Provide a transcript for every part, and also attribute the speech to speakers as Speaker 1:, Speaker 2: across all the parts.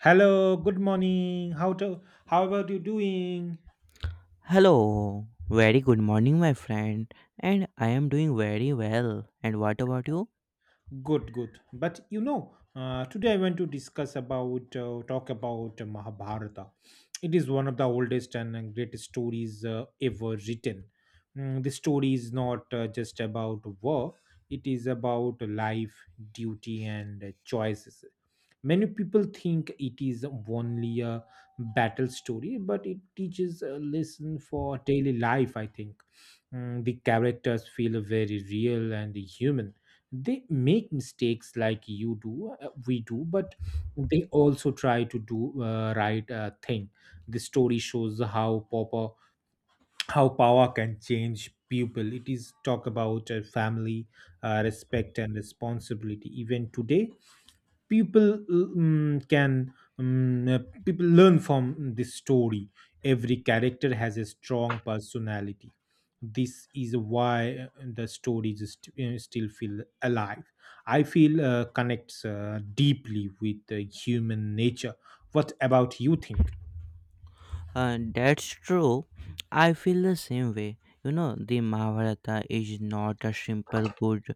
Speaker 1: Hello, good morning. How about you doing?
Speaker 2: Hello, very good morning, my friend, and I am doing very well. And what about you?
Speaker 1: Good, good. But you know, today I want to discuss about talk about Mahabharata. It is one of the oldest and greatest stories ever written. Mm, the story is not just about war; it is about life, duty, and choices. Many people think it is only a battle story, but it teaches a lesson for daily life, I think. Mm, the characters feel very real and human. They make mistakes like you do, we do, but they also try to do right thing. The story shows how power, How power can change people. It is talk about family, respect, and responsibility. Even today, people um, can um, uh, people learn from this story. Every character has a strong personality. This is why the stories still feel alive. I feel connects deeply with human nature. What about you think?
Speaker 2: That's true. I feel the same way. You know, the Mahabharata is not a simple good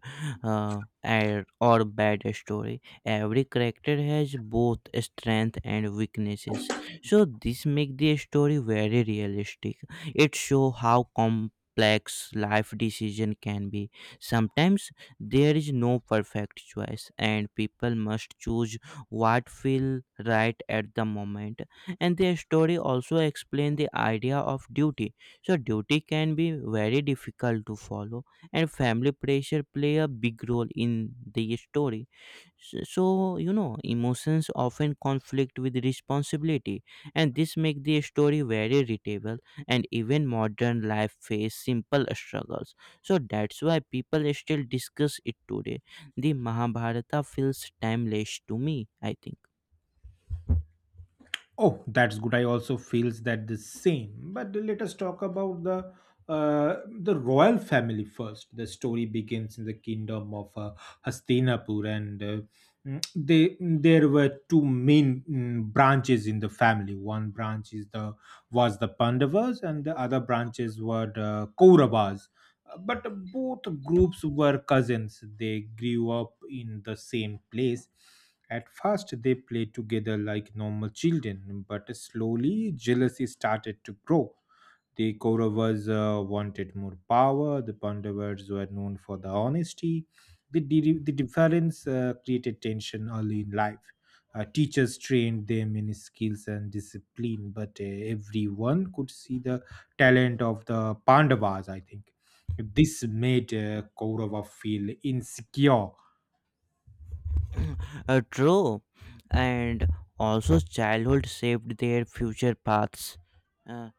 Speaker 2: or bad story. Every character has both strength and weaknesses. So this makes the story very realistic. It shows how complex life decision can be. Sometimes there is no perfect choice, and people must choose what feel right at the moment, and their story also explain the idea of duty. So duty can be very difficult to follow, and family pressure play a big role in the story. So you know, emotions often conflict with responsibility, and this make the story very readable, and even modern life face simple struggles. So that's why people still discuss it today. The Mahabharata feels timeless to me, I think.
Speaker 1: Oh, that's good. I also feels that the same. But let us talk about uh, the royal family first. The story begins in the kingdom of Hastinapur, and mm, they there were two main branches in the family. One branch is the was the Pandavas, and the other branches were the Kauravas. But both groups were cousins. They grew up in the same place. At first, they played together like normal children, but slowly jealousy started to grow. The Kauravas wanted more power, the Pandavas were known for their honesty. The difference created tension early in life. Teachers trained them in skills and discipline, but everyone could see the talent of the Pandavas, I think. This made Kaurava feel insecure.
Speaker 2: True, and also childhood shaped their future paths. Uh,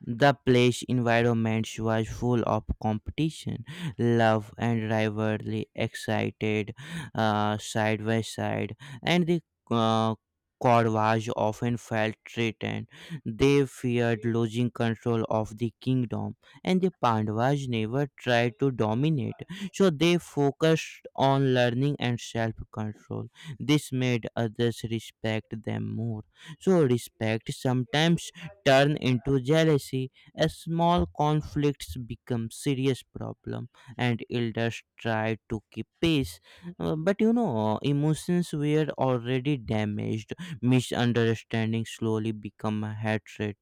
Speaker 2: the play's environment was full of competition, love, and rivalry, excited side by side, and the uh, Corvage often felt threatened. They feared losing control of the kingdom, and the Pandavas never tried to dominate, so they focused on learning and self control. This made others respect them more. So, respect sometimes turn into jealousy as small conflicts become serious problem, and elders try to keep peace. But you know, emotions were already damaged. Misunderstanding slowly become a hatred,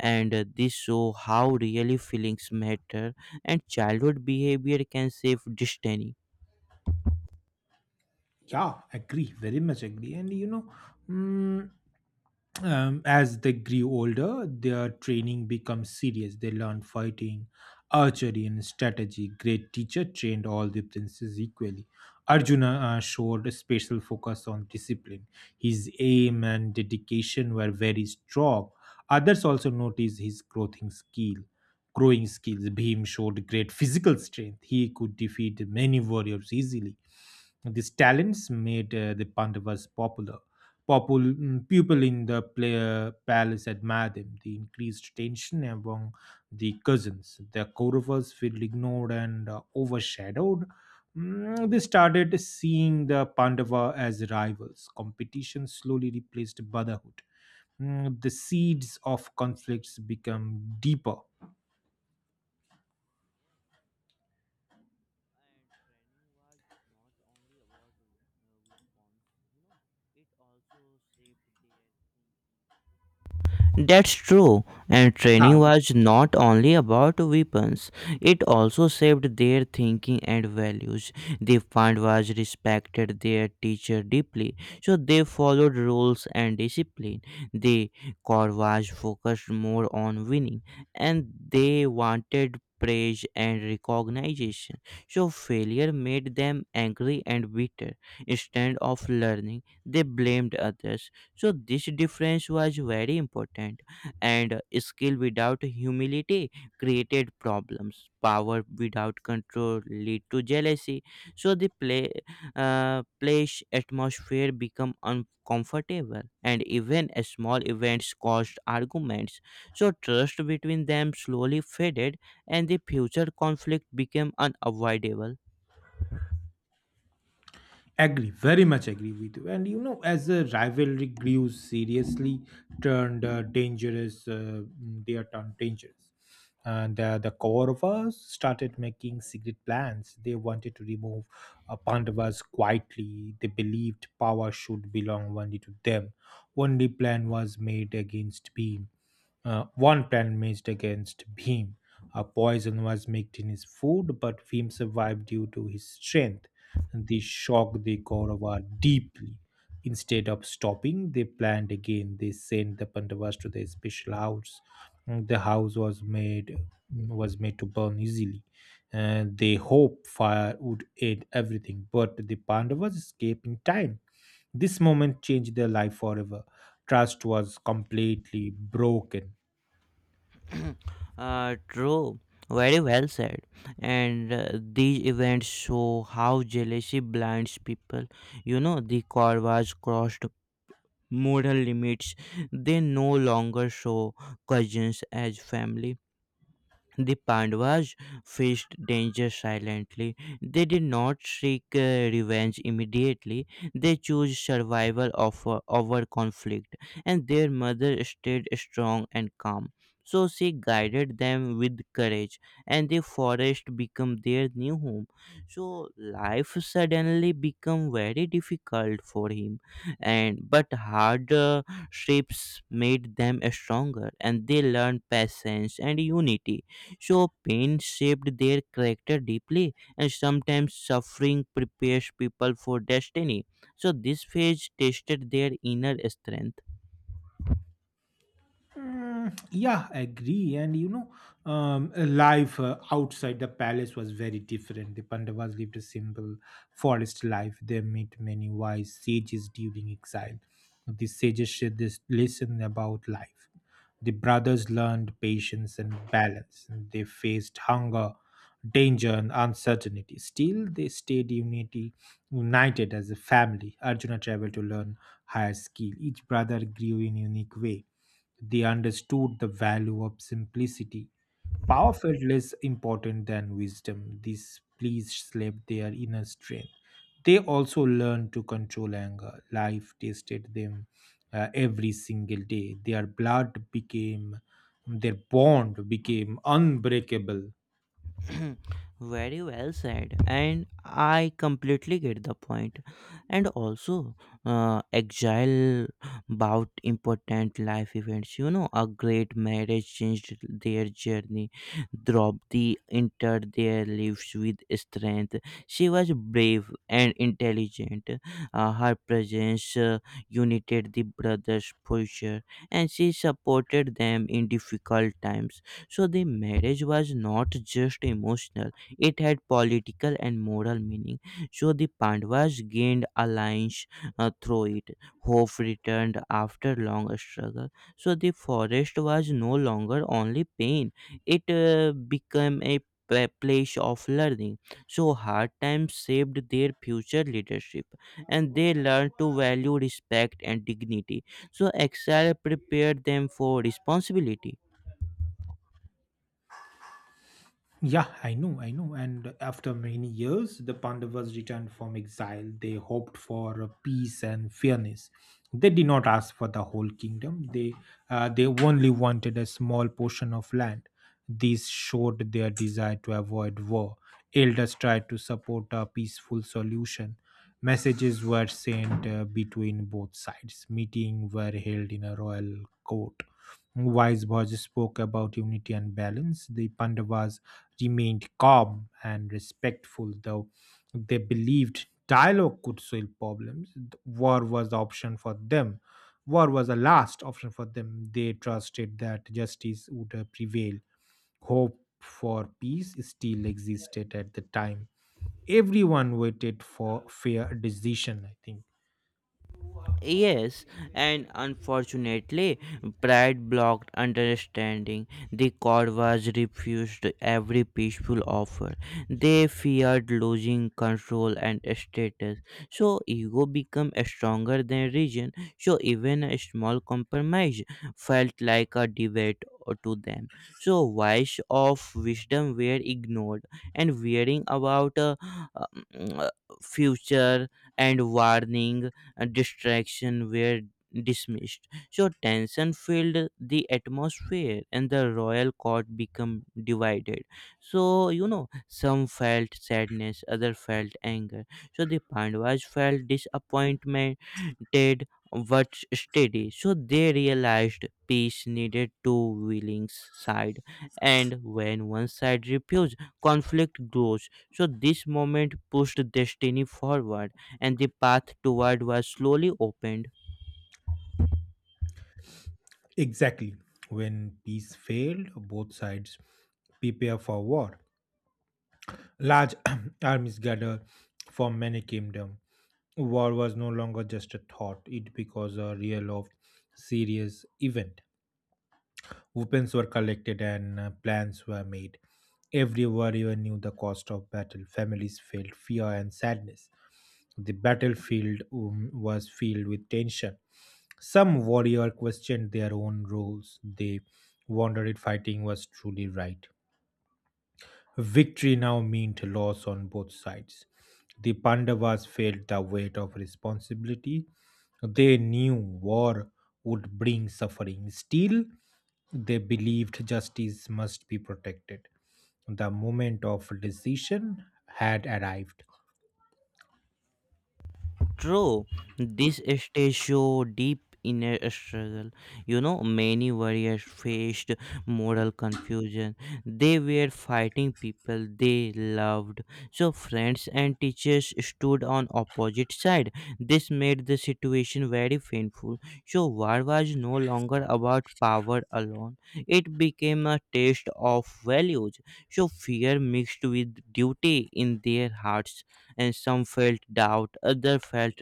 Speaker 2: and this show how really feelings matter, and childhood behavior can save destiny.
Speaker 1: Yeah, agree, very much agree. And you know, mm, as they grew older, their training becomes serious. They learn fighting, archery, and strategy. Great teacher trained all the princes equally. Arjuna showed a special focus on discipline. His aim and dedication were very strong. Others also noticed his growing skills. Bhim showed great physical strength. He could defeat many warriors easily. These talents made the Pandavas popular. People in the palace admired them. They increased tension among the cousins. The Kauravas felt ignored and overshadowed. Mm, they started seeing the Pandava as rivals. Competition slowly replaced brotherhood. Mm, the seeds of conflicts become deeper.
Speaker 2: And training was not only about weapons, you know, it also saved their... That's true, and
Speaker 1: Yeah,
Speaker 2: training was not only about weapons, it also shaped their thinking and values. The fund was respected their teacher deeply, so they followed rules and discipline. The corps was focused more on winning, and they wanted praise and recognition. So failure made them angry and bitter. Instead of learning, they blamed others. So this difference was very important, and skill without humility created problems. Power without control lead to jealousy. So the play place atmosphere become uncomfortable, and even a small events caused arguments. So trust between them slowly faded, and the future conflict became unavoidable.
Speaker 1: agree, very much agree with you. And you know, as the rivalry grew seriously, turned dangerous, they are turned dangerous. And the Kauravas started making secret plans. They wanted to remove Pandavas quietly. They believed power should belong only to them. Only plan was made against Bhim. One plan matched against Bhim. A poison was mixed in his food, but Bhim survived due to his strength. This shocked the Kaurava deeply. Instead of stopping, they planned again. They sent the Pandavas to their special house. The house was made was made to burn easily. And they hoped fire would end everything, but the Pandavas escaped in time. This moment changed their life forever. Trust was completely broken.
Speaker 2: True. Very well said. And these events show how jealousy blinds people. You know, the Kauravas crossed moral limits. They no longer show cousins as family. The Pandavas faced danger silently. They did not seek revenge immediately. They chose survival over conflict, and their mother stayed strong and calm. So she guided them with courage, and the forest became their new home. So life suddenly became very difficult for him, and but harder shapes made them stronger, and they learned patience and unity. So, pain shaped their character deeply, and sometimes suffering prepares people for destiny. So, this phase tested their inner strength.
Speaker 1: Mm, yeah, agree. And you know, life outside the palace was very different. The Pandavas lived a simple forest life. They met many wise sages during exile. The sages shared this lesson about life. The brothers learned patience and balance. And they faced hunger, danger, and uncertainty. Still, united as a family. Arjuna traveled to learn higher skill. Each brother grew in unique way. They understood the value of simplicity. Power felt less important than wisdom. These pleas slept their inner strength. They also learned to control anger. Life tested them every single day. Their bond became unbreakable.
Speaker 2: Very well said, and I completely get the point. And also, exile about important life events. You know, a great marriage changed their journey. Draupadi entered their lives with strength. She was brave and intelligent. Her presence united the brothers' future, and she supported them in difficult times. So the marriage was not just emotional, it had political and moral meaning. So the Pandavas gained alliance through it. Hope returned after long struggle. So the forest was no longer only pain, it became a place of learning. So hard times shaped their future leadership, and they learned to value respect and dignity. So exile prepared them for responsibility.
Speaker 1: Yeah, I know, I know. And after many years, the Pandavas returned from exile. They hoped for a peace and fairness. They did not ask for the whole kingdom. They only wanted a small portion of land. This showed their desire to avoid war. Elders tried to support a peaceful solution. Messages were sent between both sides. Meetings were held in a royal court. Wise Bhoj spoke about unity and balance. The Pandavas remained calm and respectful, though they believed dialogue could solve problems. War was the option for them. War was the last option for them. They trusted that justice would prevail. Hope for peace still existed at the time. Everyone waited for fair decision, I think.
Speaker 2: Yes, and unfortunately, pride blocked understanding. The Korvas refused every peaceful offer. They feared losing control and status. So, ego became stronger than reason. So, even a small compromise felt like a debate to them. So, voice of wisdom were ignored, and worrying about um, uh, future, and warning distraction were dismissed. So tension filled the atmosphere, and the royal court became divided. So you know, some felt sadness, other felt anger. So the Pandavas felt disappointment, did what steady. So they realized peace needed two willing sides, and when one side refuses, conflict grows. So this moment pushed destiny forward, and the path toward was slowly opened.
Speaker 1: Exactly. When peace failed, both sides prepare for war. Large armies gather from many kingdoms. War was no longer just a thought, it became a real of serious event. Weapons were collected and plans were made. Every warrior knew the cost of battle. Families felt fear and sadness. The battlefield was filled with tension. Some warrior questioned their own roles. They wondered if fighting was truly right. Victory now meant loss on both sides. The Pandavas felt the weight of responsibility. They knew war would bring suffering. Still, they believed justice must be protected. The moment of decision had arrived.
Speaker 2: True, this stage show deep inner struggle. You know, many warriors faced moral confusion. They were fighting people they loved. So friends and teachers stood on opposite side. This made the situation very painful. So war was no longer about power alone. It became a test of values. So fear mixed with duty in their hearts, and some felt doubt, others felt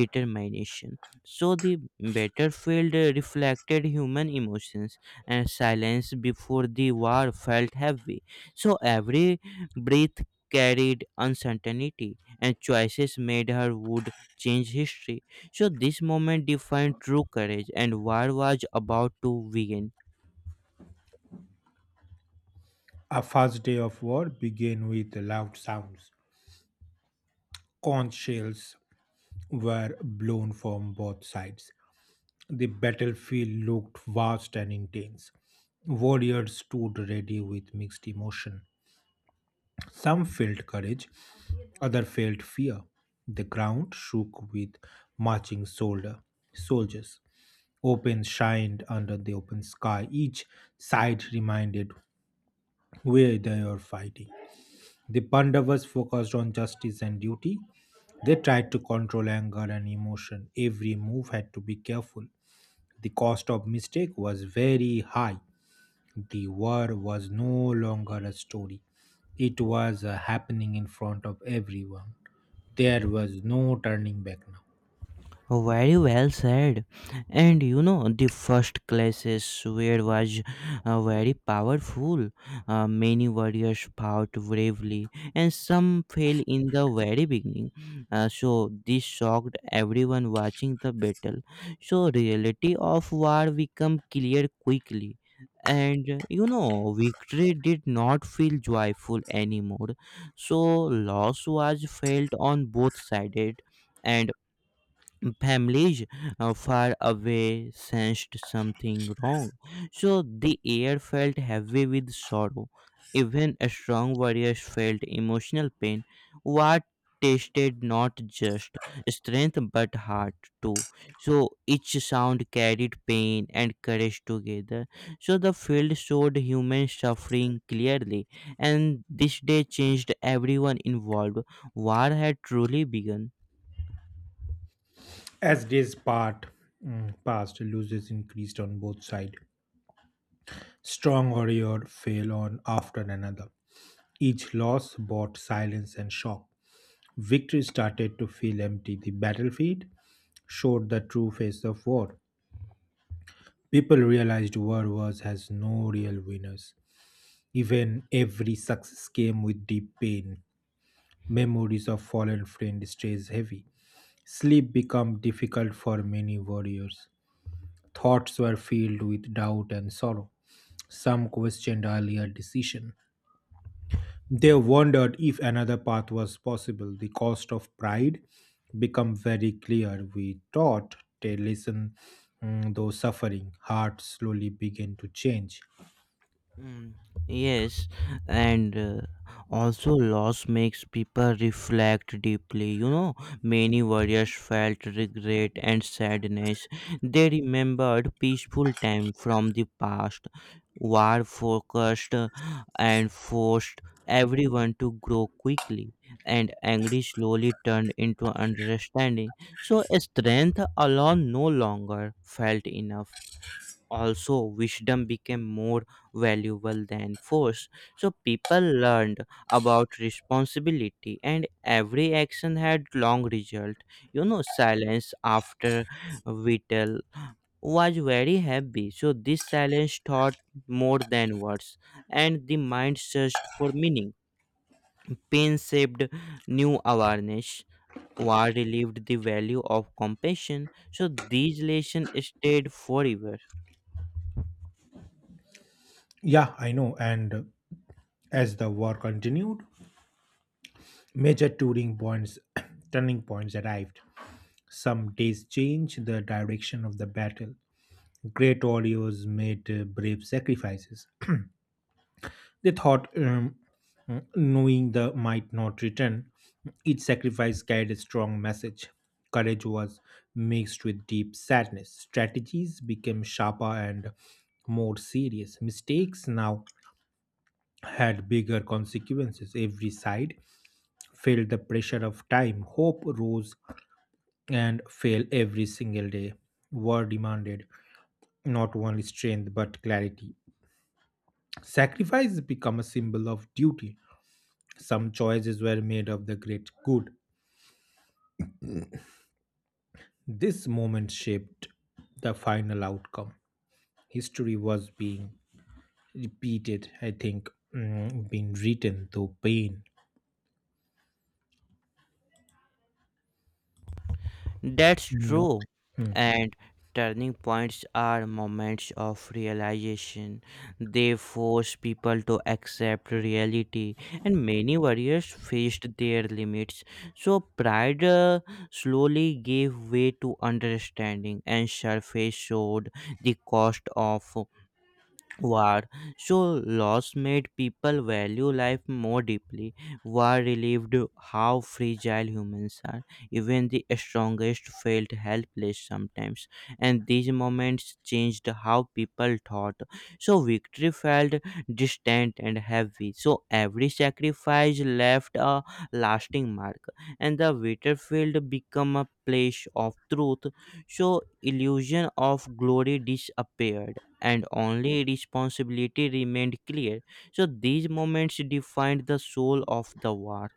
Speaker 2: determination. So the battlefield reflected human emotions, and silence before the war felt heavy. So every breath carried uncertainty, and choices made her would change history. So this moment defined true courage, and war was about to begin.
Speaker 1: A first day of war began with loud sounds. Conch shells were blown from both sides. The battlefield looked vast and intense. Warriors stood ready with mixed emotion. Some felt courage, others felt fear. The ground shook with marching soldier, soldiers. Open shined under the open sky. Each side reminded where they were fighting. The Pandavas focused on justice and duty. They tried to control anger and emotion. Every move had to be careful. The cost of mistake was very high. The war was no longer a story. It was happening in front of everyone. There was no turning back now.
Speaker 2: Very well said. And you know, the first classes where was very powerful. Many warriors fought bravely, and some fell in the very beginning. So this shocked everyone watching the battle. So reality of war became clear quickly. And you know, victory did not feel joyful anymore. So loss was felt on both sides, and families far away sensed something wrong. So the air felt heavy with sorrow. Even strong warriors felt emotional pain. What tasted not just strength but heart too. So each sound carried pain and courage together. So the field showed human suffering clearly, and this day changed everyone involved. War had truly begun.
Speaker 1: As days passed, losses increased on both sides. Strong warrior fell on after another. Each loss brought silence and shock. Victory started to feel empty. The battlefield showed the true face of war. People realized war was has no real winners. Even every success came with deep pain. Memories of fallen friend stays heavy. Sleep became difficult for many warriors. Thoughts were filled with doubt and sorrow. Some questioned earlier decision. They wondered if another path was possible. The cost of pride become very clear. We taught to listen though suffering. Hearts slowly began to change.
Speaker 2: Mm, yes, and also loss makes people reflect deeply. You know, many warriors felt regret and sadness. They remembered peaceful time from the past. War focused and forced everyone to grow quickly, and anger slowly turned into understanding. So, strength alone no longer felt enough. Also wisdom became more valuable than force. So people learned about responsibility, and every action had long result. You know, silence after whittle was very heavy. So this silence taught more than words, and the mind searched for meaning. Pain shaped new awareness. War relieved the value of compassion. So these lessons stayed forever.
Speaker 1: Yeah, I know. And as the war continued, Major touring points, turning points arrived. Some days changed the direction of the battle. Great warriors made brave sacrifices. They thought, um, knowing the might not return, each sacrifice carried a strong message. Courage was mixed with deep sadness. Strategies became sharper and more serious. Mistakes now had bigger consequences. Every side felt the pressure of time. Hope rose and fail every single day. War demanded not only strength but clarity. Sacrifice become a symbol of duty. Some choices were made of the great good. This moment shaped the final outcome. History was being repeated, I think, mm, being written through pain.
Speaker 2: That's
Speaker 1: No.
Speaker 2: true.
Speaker 1: Hmm.
Speaker 2: And turning points are moments of realization. They force people to accept reality, and many warriors faced their limits. So, pride slowly gave way to understanding, and surface showed the cost of war. So, loss made people value life more deeply. War relieved how fragile humans are. Even the strongest felt helpless sometimes. And these moments changed how people thought. So, victory felt distant and heavy. So, every sacrifice left a lasting mark. And the battlefield became a place of truth. So, illusion of glory disappeared, and only responsibility remained clear. So these moments defined the soul of the war.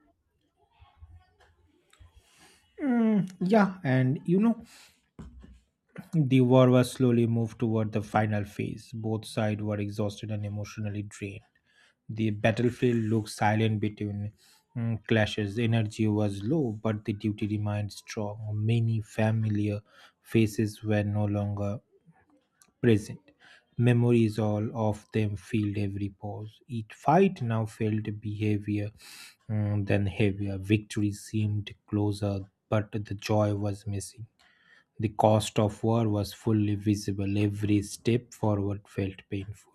Speaker 1: Mm, yeah, and you know, the war was slowly moved toward the final phase. Both sides were exhausted and emotionally drained. The battlefield looked silent between clashes. Energy was low, but the duty remained strong. Many familiar faces were no longer present. Memories all of them filled every pause. Each fight now felt behavior than heavier. Victory seemed closer, but the joy was missing. The cost of war was fully visible. Every step forward felt painful.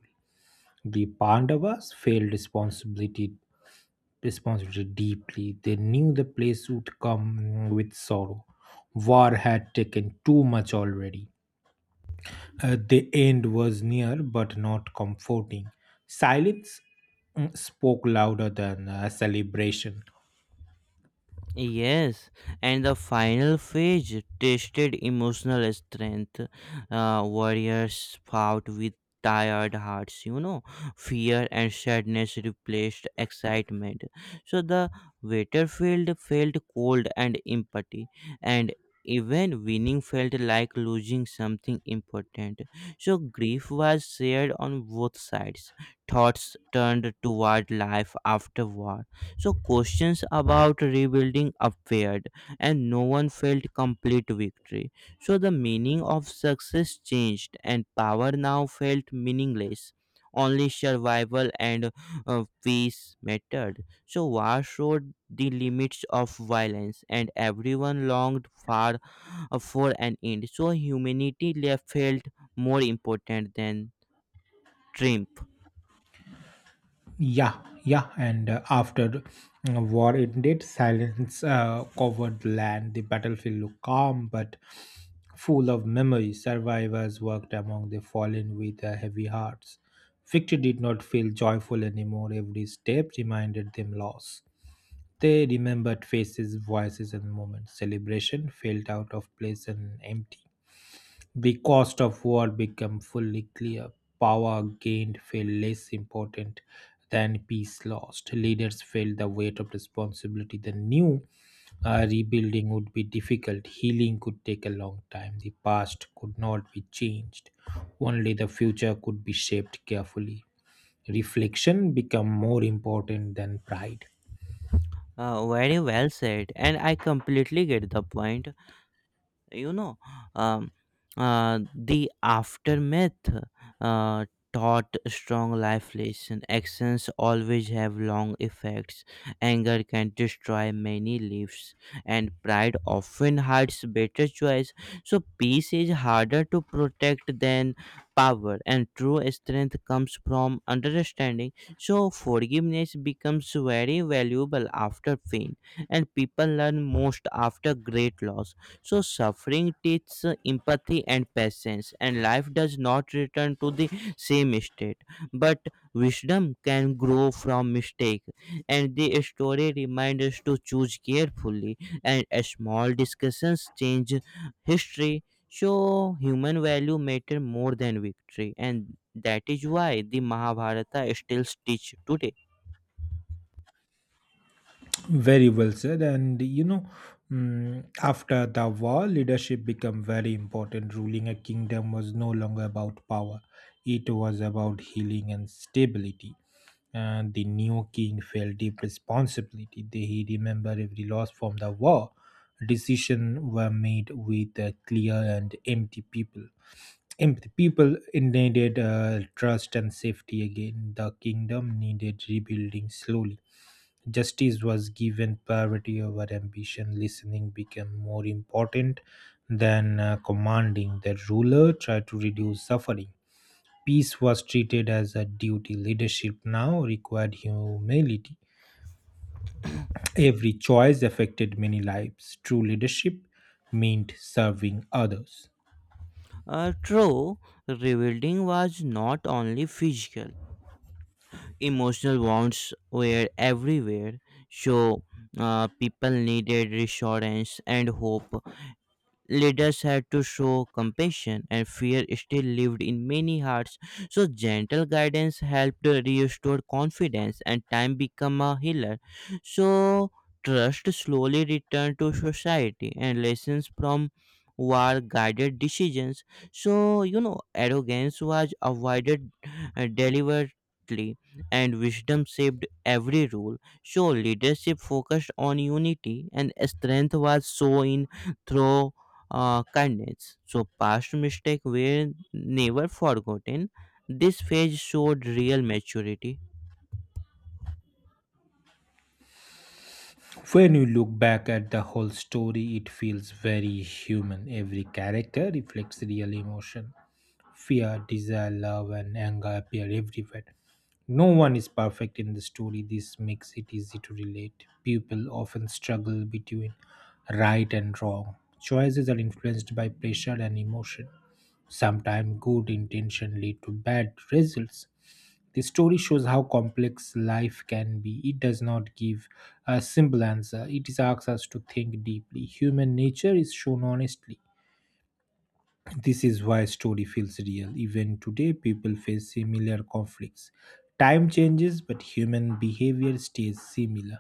Speaker 1: The Pandavas felt responsibility deeply. They knew the place would come with sorrow. War had taken too much already. The end was near, but not comforting. Silence spoke louder than celebration.
Speaker 2: Yes, and the final phase tested emotional strength. Warriors fought with tired hearts, you know. Fear and sadness replaced excitement. So the battlefield felt cold and empty, and even winning felt like losing something important. So grief was shared on both sides. Thoughts turned toward life afterward. So questions about rebuilding appeared, and no one felt complete victory. So the meaning of success changed, and power now felt meaningless. Only survival and peace mattered. So war showed the limits of violence, and everyone longed far for an end. So humanity left felt more important than triumph.
Speaker 1: Yeah, yeah, and after war ended, silence covered the land. The battlefield looked calm but full of memories. Survivors worked among the fallen with heavy hearts. Victory did not feel joyful anymore. Every step reminded them loss. They remembered faces, voices, and moments. Celebration felt out of place and empty. The cost of war became fully clear. Power gained felt less important than peace lost. Leaders felt the weight of responsibility. They knew rebuilding would be difficult, healing could take a long time. The past could not be changed, only the future could be shaped carefully. Reflection became more important than pride.
Speaker 2: Very well said, and I completely get the point. You know, um, the aftermath uh, taught strong life lesson. Actions always have long effects. Anger can destroy many lives, and pride often hides better choice. So peace is harder to protect than power, and true strength comes from understanding. So forgiveness becomes very valuable after pain, and people learn most after great loss. So suffering teaches empathy and patience, and life does not return to the same state. But wisdom can grow from mistake, and the story reminds us to choose carefully. And a small discussions change history. So human value matter more than victory, and that is why the Mahabharata still teach today.
Speaker 1: Very well said. And you know, after the war, leadership became very important. Ruling a kingdom was no longer about power, it was about healing and stability. And the new king felt deep responsibility. He remembered every loss from the war. Decisions were made with a clear and empty people empathy. People needed trust and safety again. The kingdom needed rebuilding slowly. Justice was given priority over ambition. Listening became more important than commanding. The ruler tried to reduce suffering. Peace was treated as a duty. Leadership now required humility. Every choice affected many lives. True leadership meant serving others.
Speaker 2: True, rebuilding was not only physical; emotional wounds were everywhere. So people needed reassurance and hope. Leaders had to show compassion, and fear still lived in many hearts. So, gentle guidance helped restore confidence, and time became a healer. So, trust slowly returned to society, and lessons from war guided decisions. So, you know, arrogance was avoided deliberately, and wisdom shaped every rule. So, leadership focused on unity, and strength was shown in through kindness. So, past mistakes were never forgotten. This phase showed real maturity.
Speaker 1: When you look back at the whole story, it feels very human. Every character reflects real emotion. Fear, desire, love, and anger appear everywhere. No one is perfect in the story. This makes it easy to relate. People often struggle between right and wrong. Choices are influenced by pressure and emotion. Sometimes good intention lead to bad results. The story shows how complex life can be. It does not give a simple answer, it is asks us to think deeply. Human nature is shown honestly. This is why story feels real. Even today, people face similar conflicts. Time changes, but human behavior stays similar.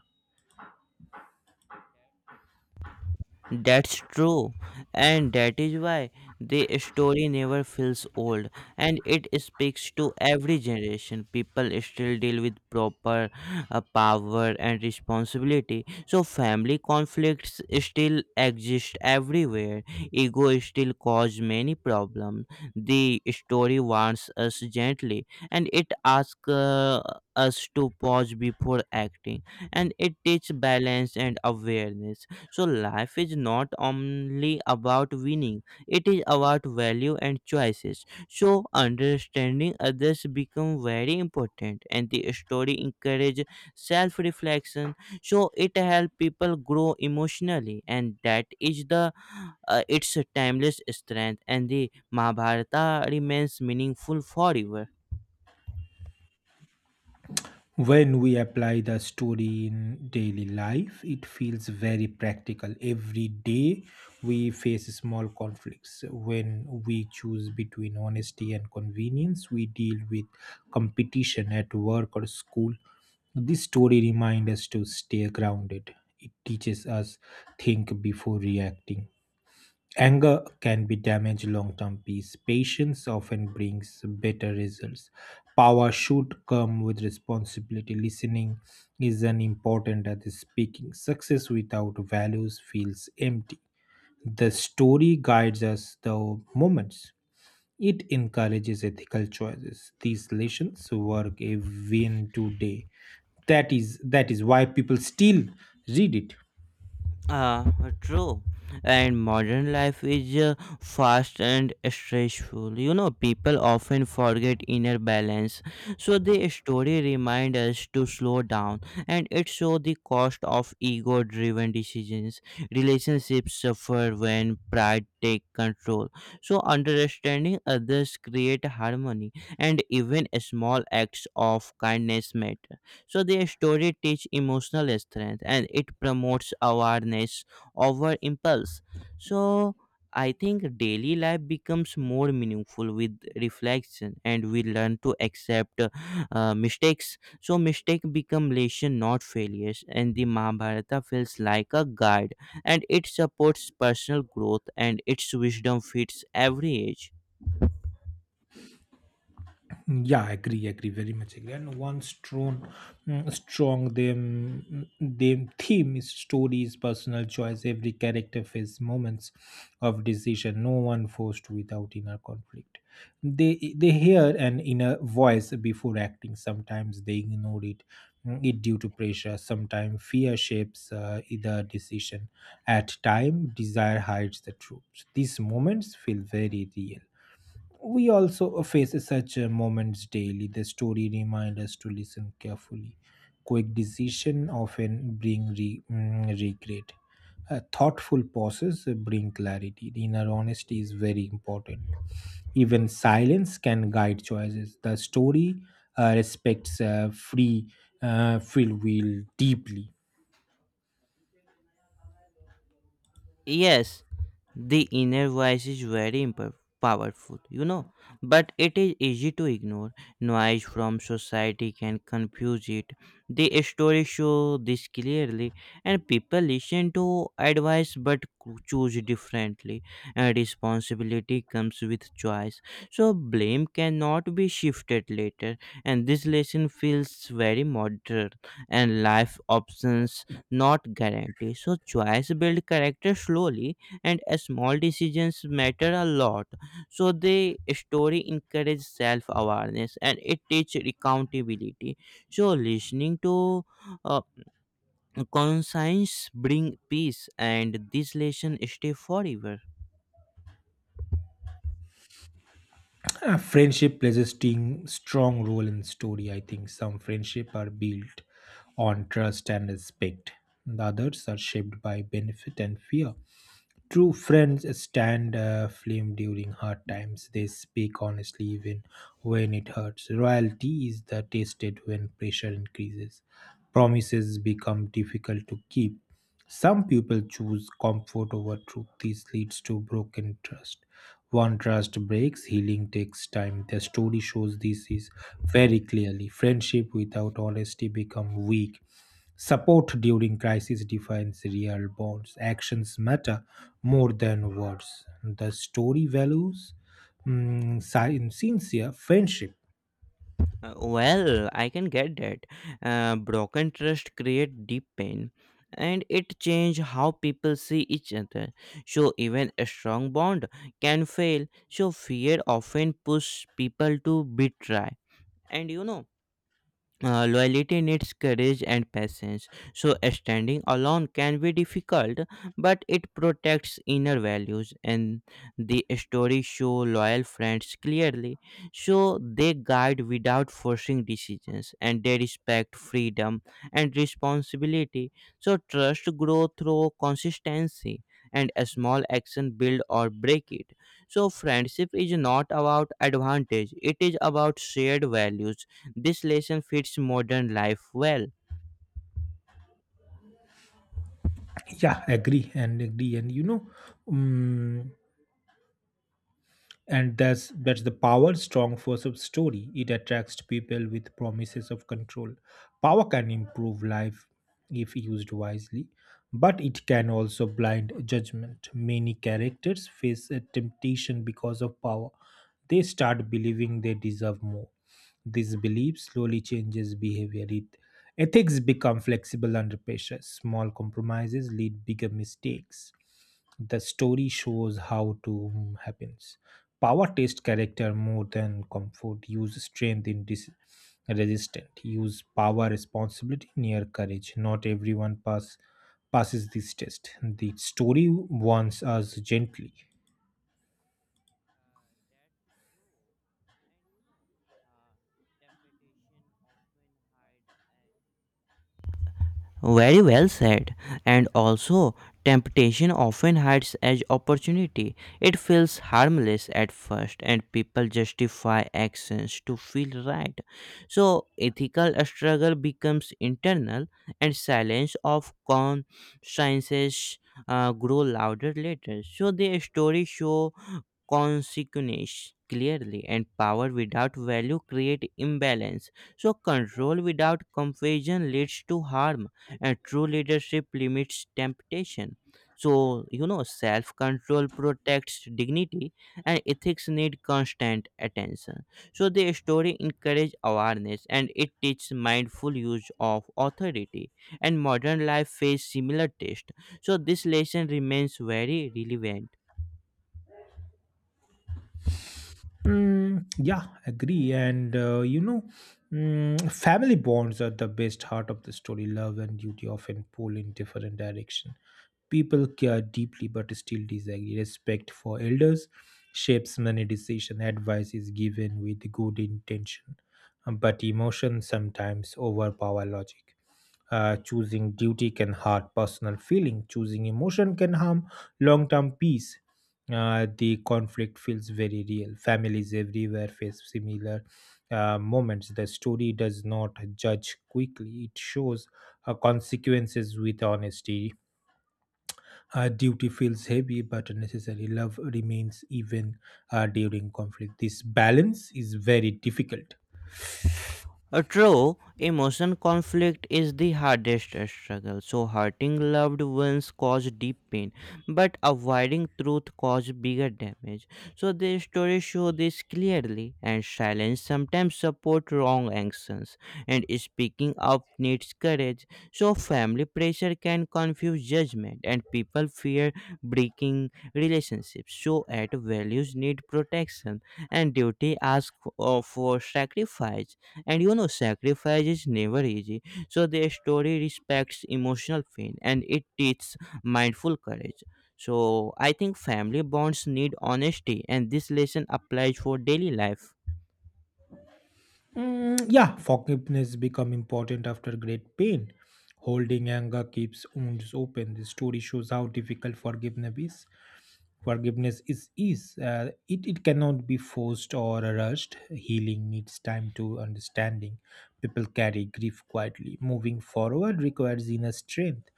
Speaker 2: That's true, and that is why the story never feels old, and it speaks to every generation. People still deal with proper power and responsibility, so family conflicts still exist everywhere. Ego still cause many problems. The story warns us gently, and it asks us to pause before acting, and it teaches balance and awareness. So life is not only about winning, it is about value and choices. So understanding others become very important, and the story encourage self-reflection. So it help people grow emotionally, and that is the its timeless strength, and the Mahabharata remains meaningful forever.
Speaker 1: When we apply the story in daily life, it feels very practical. Every day we face small conflicts. When we choose between honesty and convenience, we deal with competition at work or school. This story reminds us to stay grounded. It teaches us think before reacting. Anger can be damage long term peace. Patience often brings better results. Power should come with responsibility. Listening is an important as speaking. Success without values feels empty. The story guides us the moments. It encourages ethical choices. These lessons work even today. That is why people still read it.
Speaker 2: Uh, true. And modern life is fast and stressful. You know, people often forget inner balance. So the story reminds us to slow down, and it shows the cost of ego driven decisions. Relationships suffer when pride take control. So understanding others create harmony, and even small acts of kindness matter. So their story teach emotional strength, and it promotes awareness over impulse. So I think daily life becomes more meaningful with reflection, and we learn to accept mistakes. So mistake become lesson not failures, and the Mahabharata feels like a guide, and it supports personal growth, and its wisdom fits every age.
Speaker 1: Yeah, agree agree very much agree, and one strong, strong theme is stories personal choice. Every character faces moments of decision. No one forced without inner conflict. They hear an inner voice before acting. Sometimes they ignore it, it due to pressure. Sometimes fear shapes either decision. At time desire hides the truth. These moments feel very real. We also face such moments daily. The story reminds us to listen carefully. Quick decision often bring regret. Thoughtful pauses bring clarity. Inner honesty is very important. Even silence can guide choices. The story respects free will deeply.
Speaker 2: Yes, the inner voice is very impo- powerful, you know, but it is easy to ignore. Noise from society can confuse it. The story show this clearly, and people listen to choose differently, and responsibility comes with choice. So blame cannot be shifted later, and this lesson feels very modern. And life options not guaranteed, so choice build character slowly, and small decisions matter a lot. So the story encourages self-awareness, and it teaches accountability. So listening to uh, conscience bring peace, and this lesson stay forever.
Speaker 1: Friendship plays a strong role in story. I think some friendship are built on trust and respect. The others are shaped by benefit and fear. True friends stand firm during hard times. They speak honestly even when it hurts. Loyalty is the tested when pressure increases. Promises become difficult to keep. Some people choose comfort over truth. This leads to broken trust. One trust breaks, healing takes time. The story shows this is very clearly. Friendship without honesty become weak. Support during crisis defines real bonds. Actions matter more than words. The story values sincere friendship.
Speaker 2: Well, I can get that. Broken trust create deep pain, and it change how people see each other. So even a strong bond can fail. So fear often push people to betray, and you know, loyalty needs courage and patience. So standing alone can be difficult, but it protects inner values, and the stories show loyal friends clearly. So they guide without forcing decisions, and they respect freedom and responsibility. So trust grows through consistency, and a small action build or break it. So friendship is not about advantage, it is about shared values. This lesson fits modern life well.
Speaker 1: Yeah, agree and agree. And you know, mm and that's the power strong force of story. It attracts people with promises of control. Power can improve life if used wisely, but it can also blind judgment. Many characters face a temptation because of power. They start believing they deserve more. This belief slowly changes behavior. It ethics become flexible under pressure. Small compromises lead bigger mistakes. The story shows how to happens. Power test character more than comfort. Use strength in resistant. Use power responsibility near courage. Not everyone passes this test. The story warns us gently.
Speaker 2: That's true. And you know, temptation often hide Very well said. And also, temptation often hides as opportunity. It feels harmless at first, and people justify actions to feel right. So, ethical struggle becomes internal, and silence of consciences grow louder later. So, the story show consequences clearly, and power without value create imbalance. So control without compassion leads to harm, and true leadership limits temptation. So you know, self control protects dignity, and ethics need constant attention. So the story encourages awareness, and it teaches mindful use of authority, and modern life faces similar tests. So this lesson remains very relevant.
Speaker 1: Mm, yeah, agree. And you know, family bonds are the best heart of the story. Love and duty often pull in different direction. People care deeply, but still disagree. Respect for elders shapes many decision. Advice is given with good intention, but emotion sometimes overpower logic. Choosing duty can hurt personal feeling. Choosing emotion can harm long-term peace. The conflict feels very real. Families everywhere face similar moments. The story does not judge quickly, it shows consequences with honesty. Duty feels heavy but necessary. Love remains even during conflict. This balance is very difficult.
Speaker 2: True, emotion conflict is the hardest struggle. So, hurting loved ones cause deep pain, but avoiding truth cause bigger damage. So, the stories show this clearly, and silence sometimes support wrong actions, and speaking up needs courage. So, family pressure can confuse judgment, and people fear breaking relationships. So, at values need protection, and duty asks for sacrifice, and you know, sacrifice is never easy. So the story respects emotional pain, and it teaches mindful courage. So I think family bonds need honesty, and this lesson applies for daily life.
Speaker 1: Mm, yeah, forgiveness become important after great pain. Holding anger keeps wounds open. The story shows how difficult forgiveness is. Forgiveness is it it cannot be forced or rushed. Healing needs time to understanding. People carry grief quietly. Moving forward requires inner strength.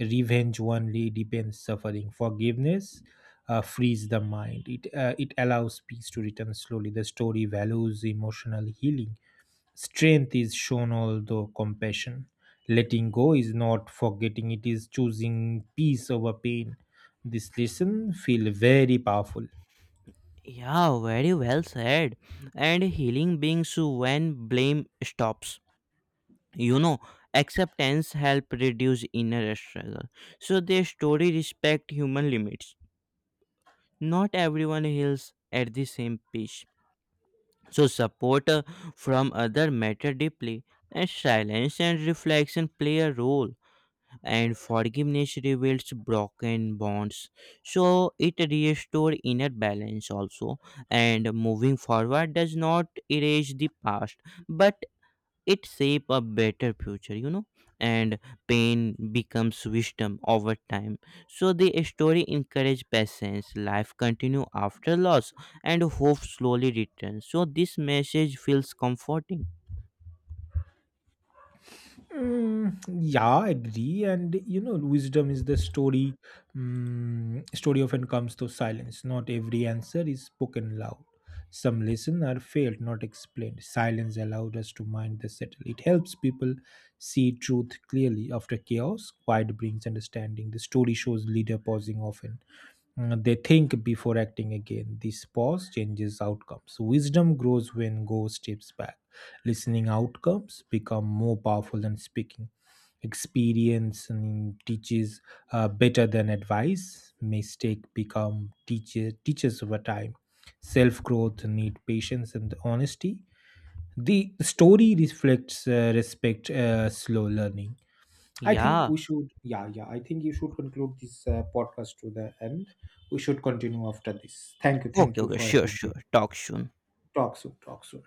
Speaker 1: Revenge only depends suffering. Forgiveness frees the mind. It allows peace to return slowly. The story values emotional healing. Strength is shown although compassion. Letting go is not forgetting, it is choosing peace over pain. This lesson feel very powerful.
Speaker 2: Yeah, very well said. And healing begins when blame stops. You know, acceptance help reduce inner struggle. So the story respect human limits. Not everyone heals at the same pace. So support from other matter deeply, and silence and reflection play a role. And forgiveness reveals broken bonds, so it restores inner balance also. And moving forward does not erase the past, but it shape a better future, you know, and pain becomes wisdom over time. So the story encourage patience. Life continue after loss, and hope slowly returns. So this message feels comforting.
Speaker 1: Mm, yeah, I agree. And you know, wisdom is the story. Story often comes to silence. Not every answer is spoken loud. Some listen are failed, not explained. Silence allowed us to mind the settle. It helps people see truth clearly after chaos. Quiet brings understanding. The story shows leader pausing often. They think before acting again. This pause changes outcomes. Wisdom grows when go steps back. Listening outcomes become more powerful than speaking. Experience teaches better than advice. Mistake become teachers over time. Self growth need patience and honesty. The story reflects respect slow learning. I think
Speaker 2: Yeah.
Speaker 1: we should, yeah, yeah. I think you should conclude this podcast to the end. We should continue after this. Thank
Speaker 2: Okay,
Speaker 1: you
Speaker 2: okay,
Speaker 1: for
Speaker 2: sure,
Speaker 1: having me.
Speaker 2: sure, talk soon.
Speaker 1: Talk soon, talk soon.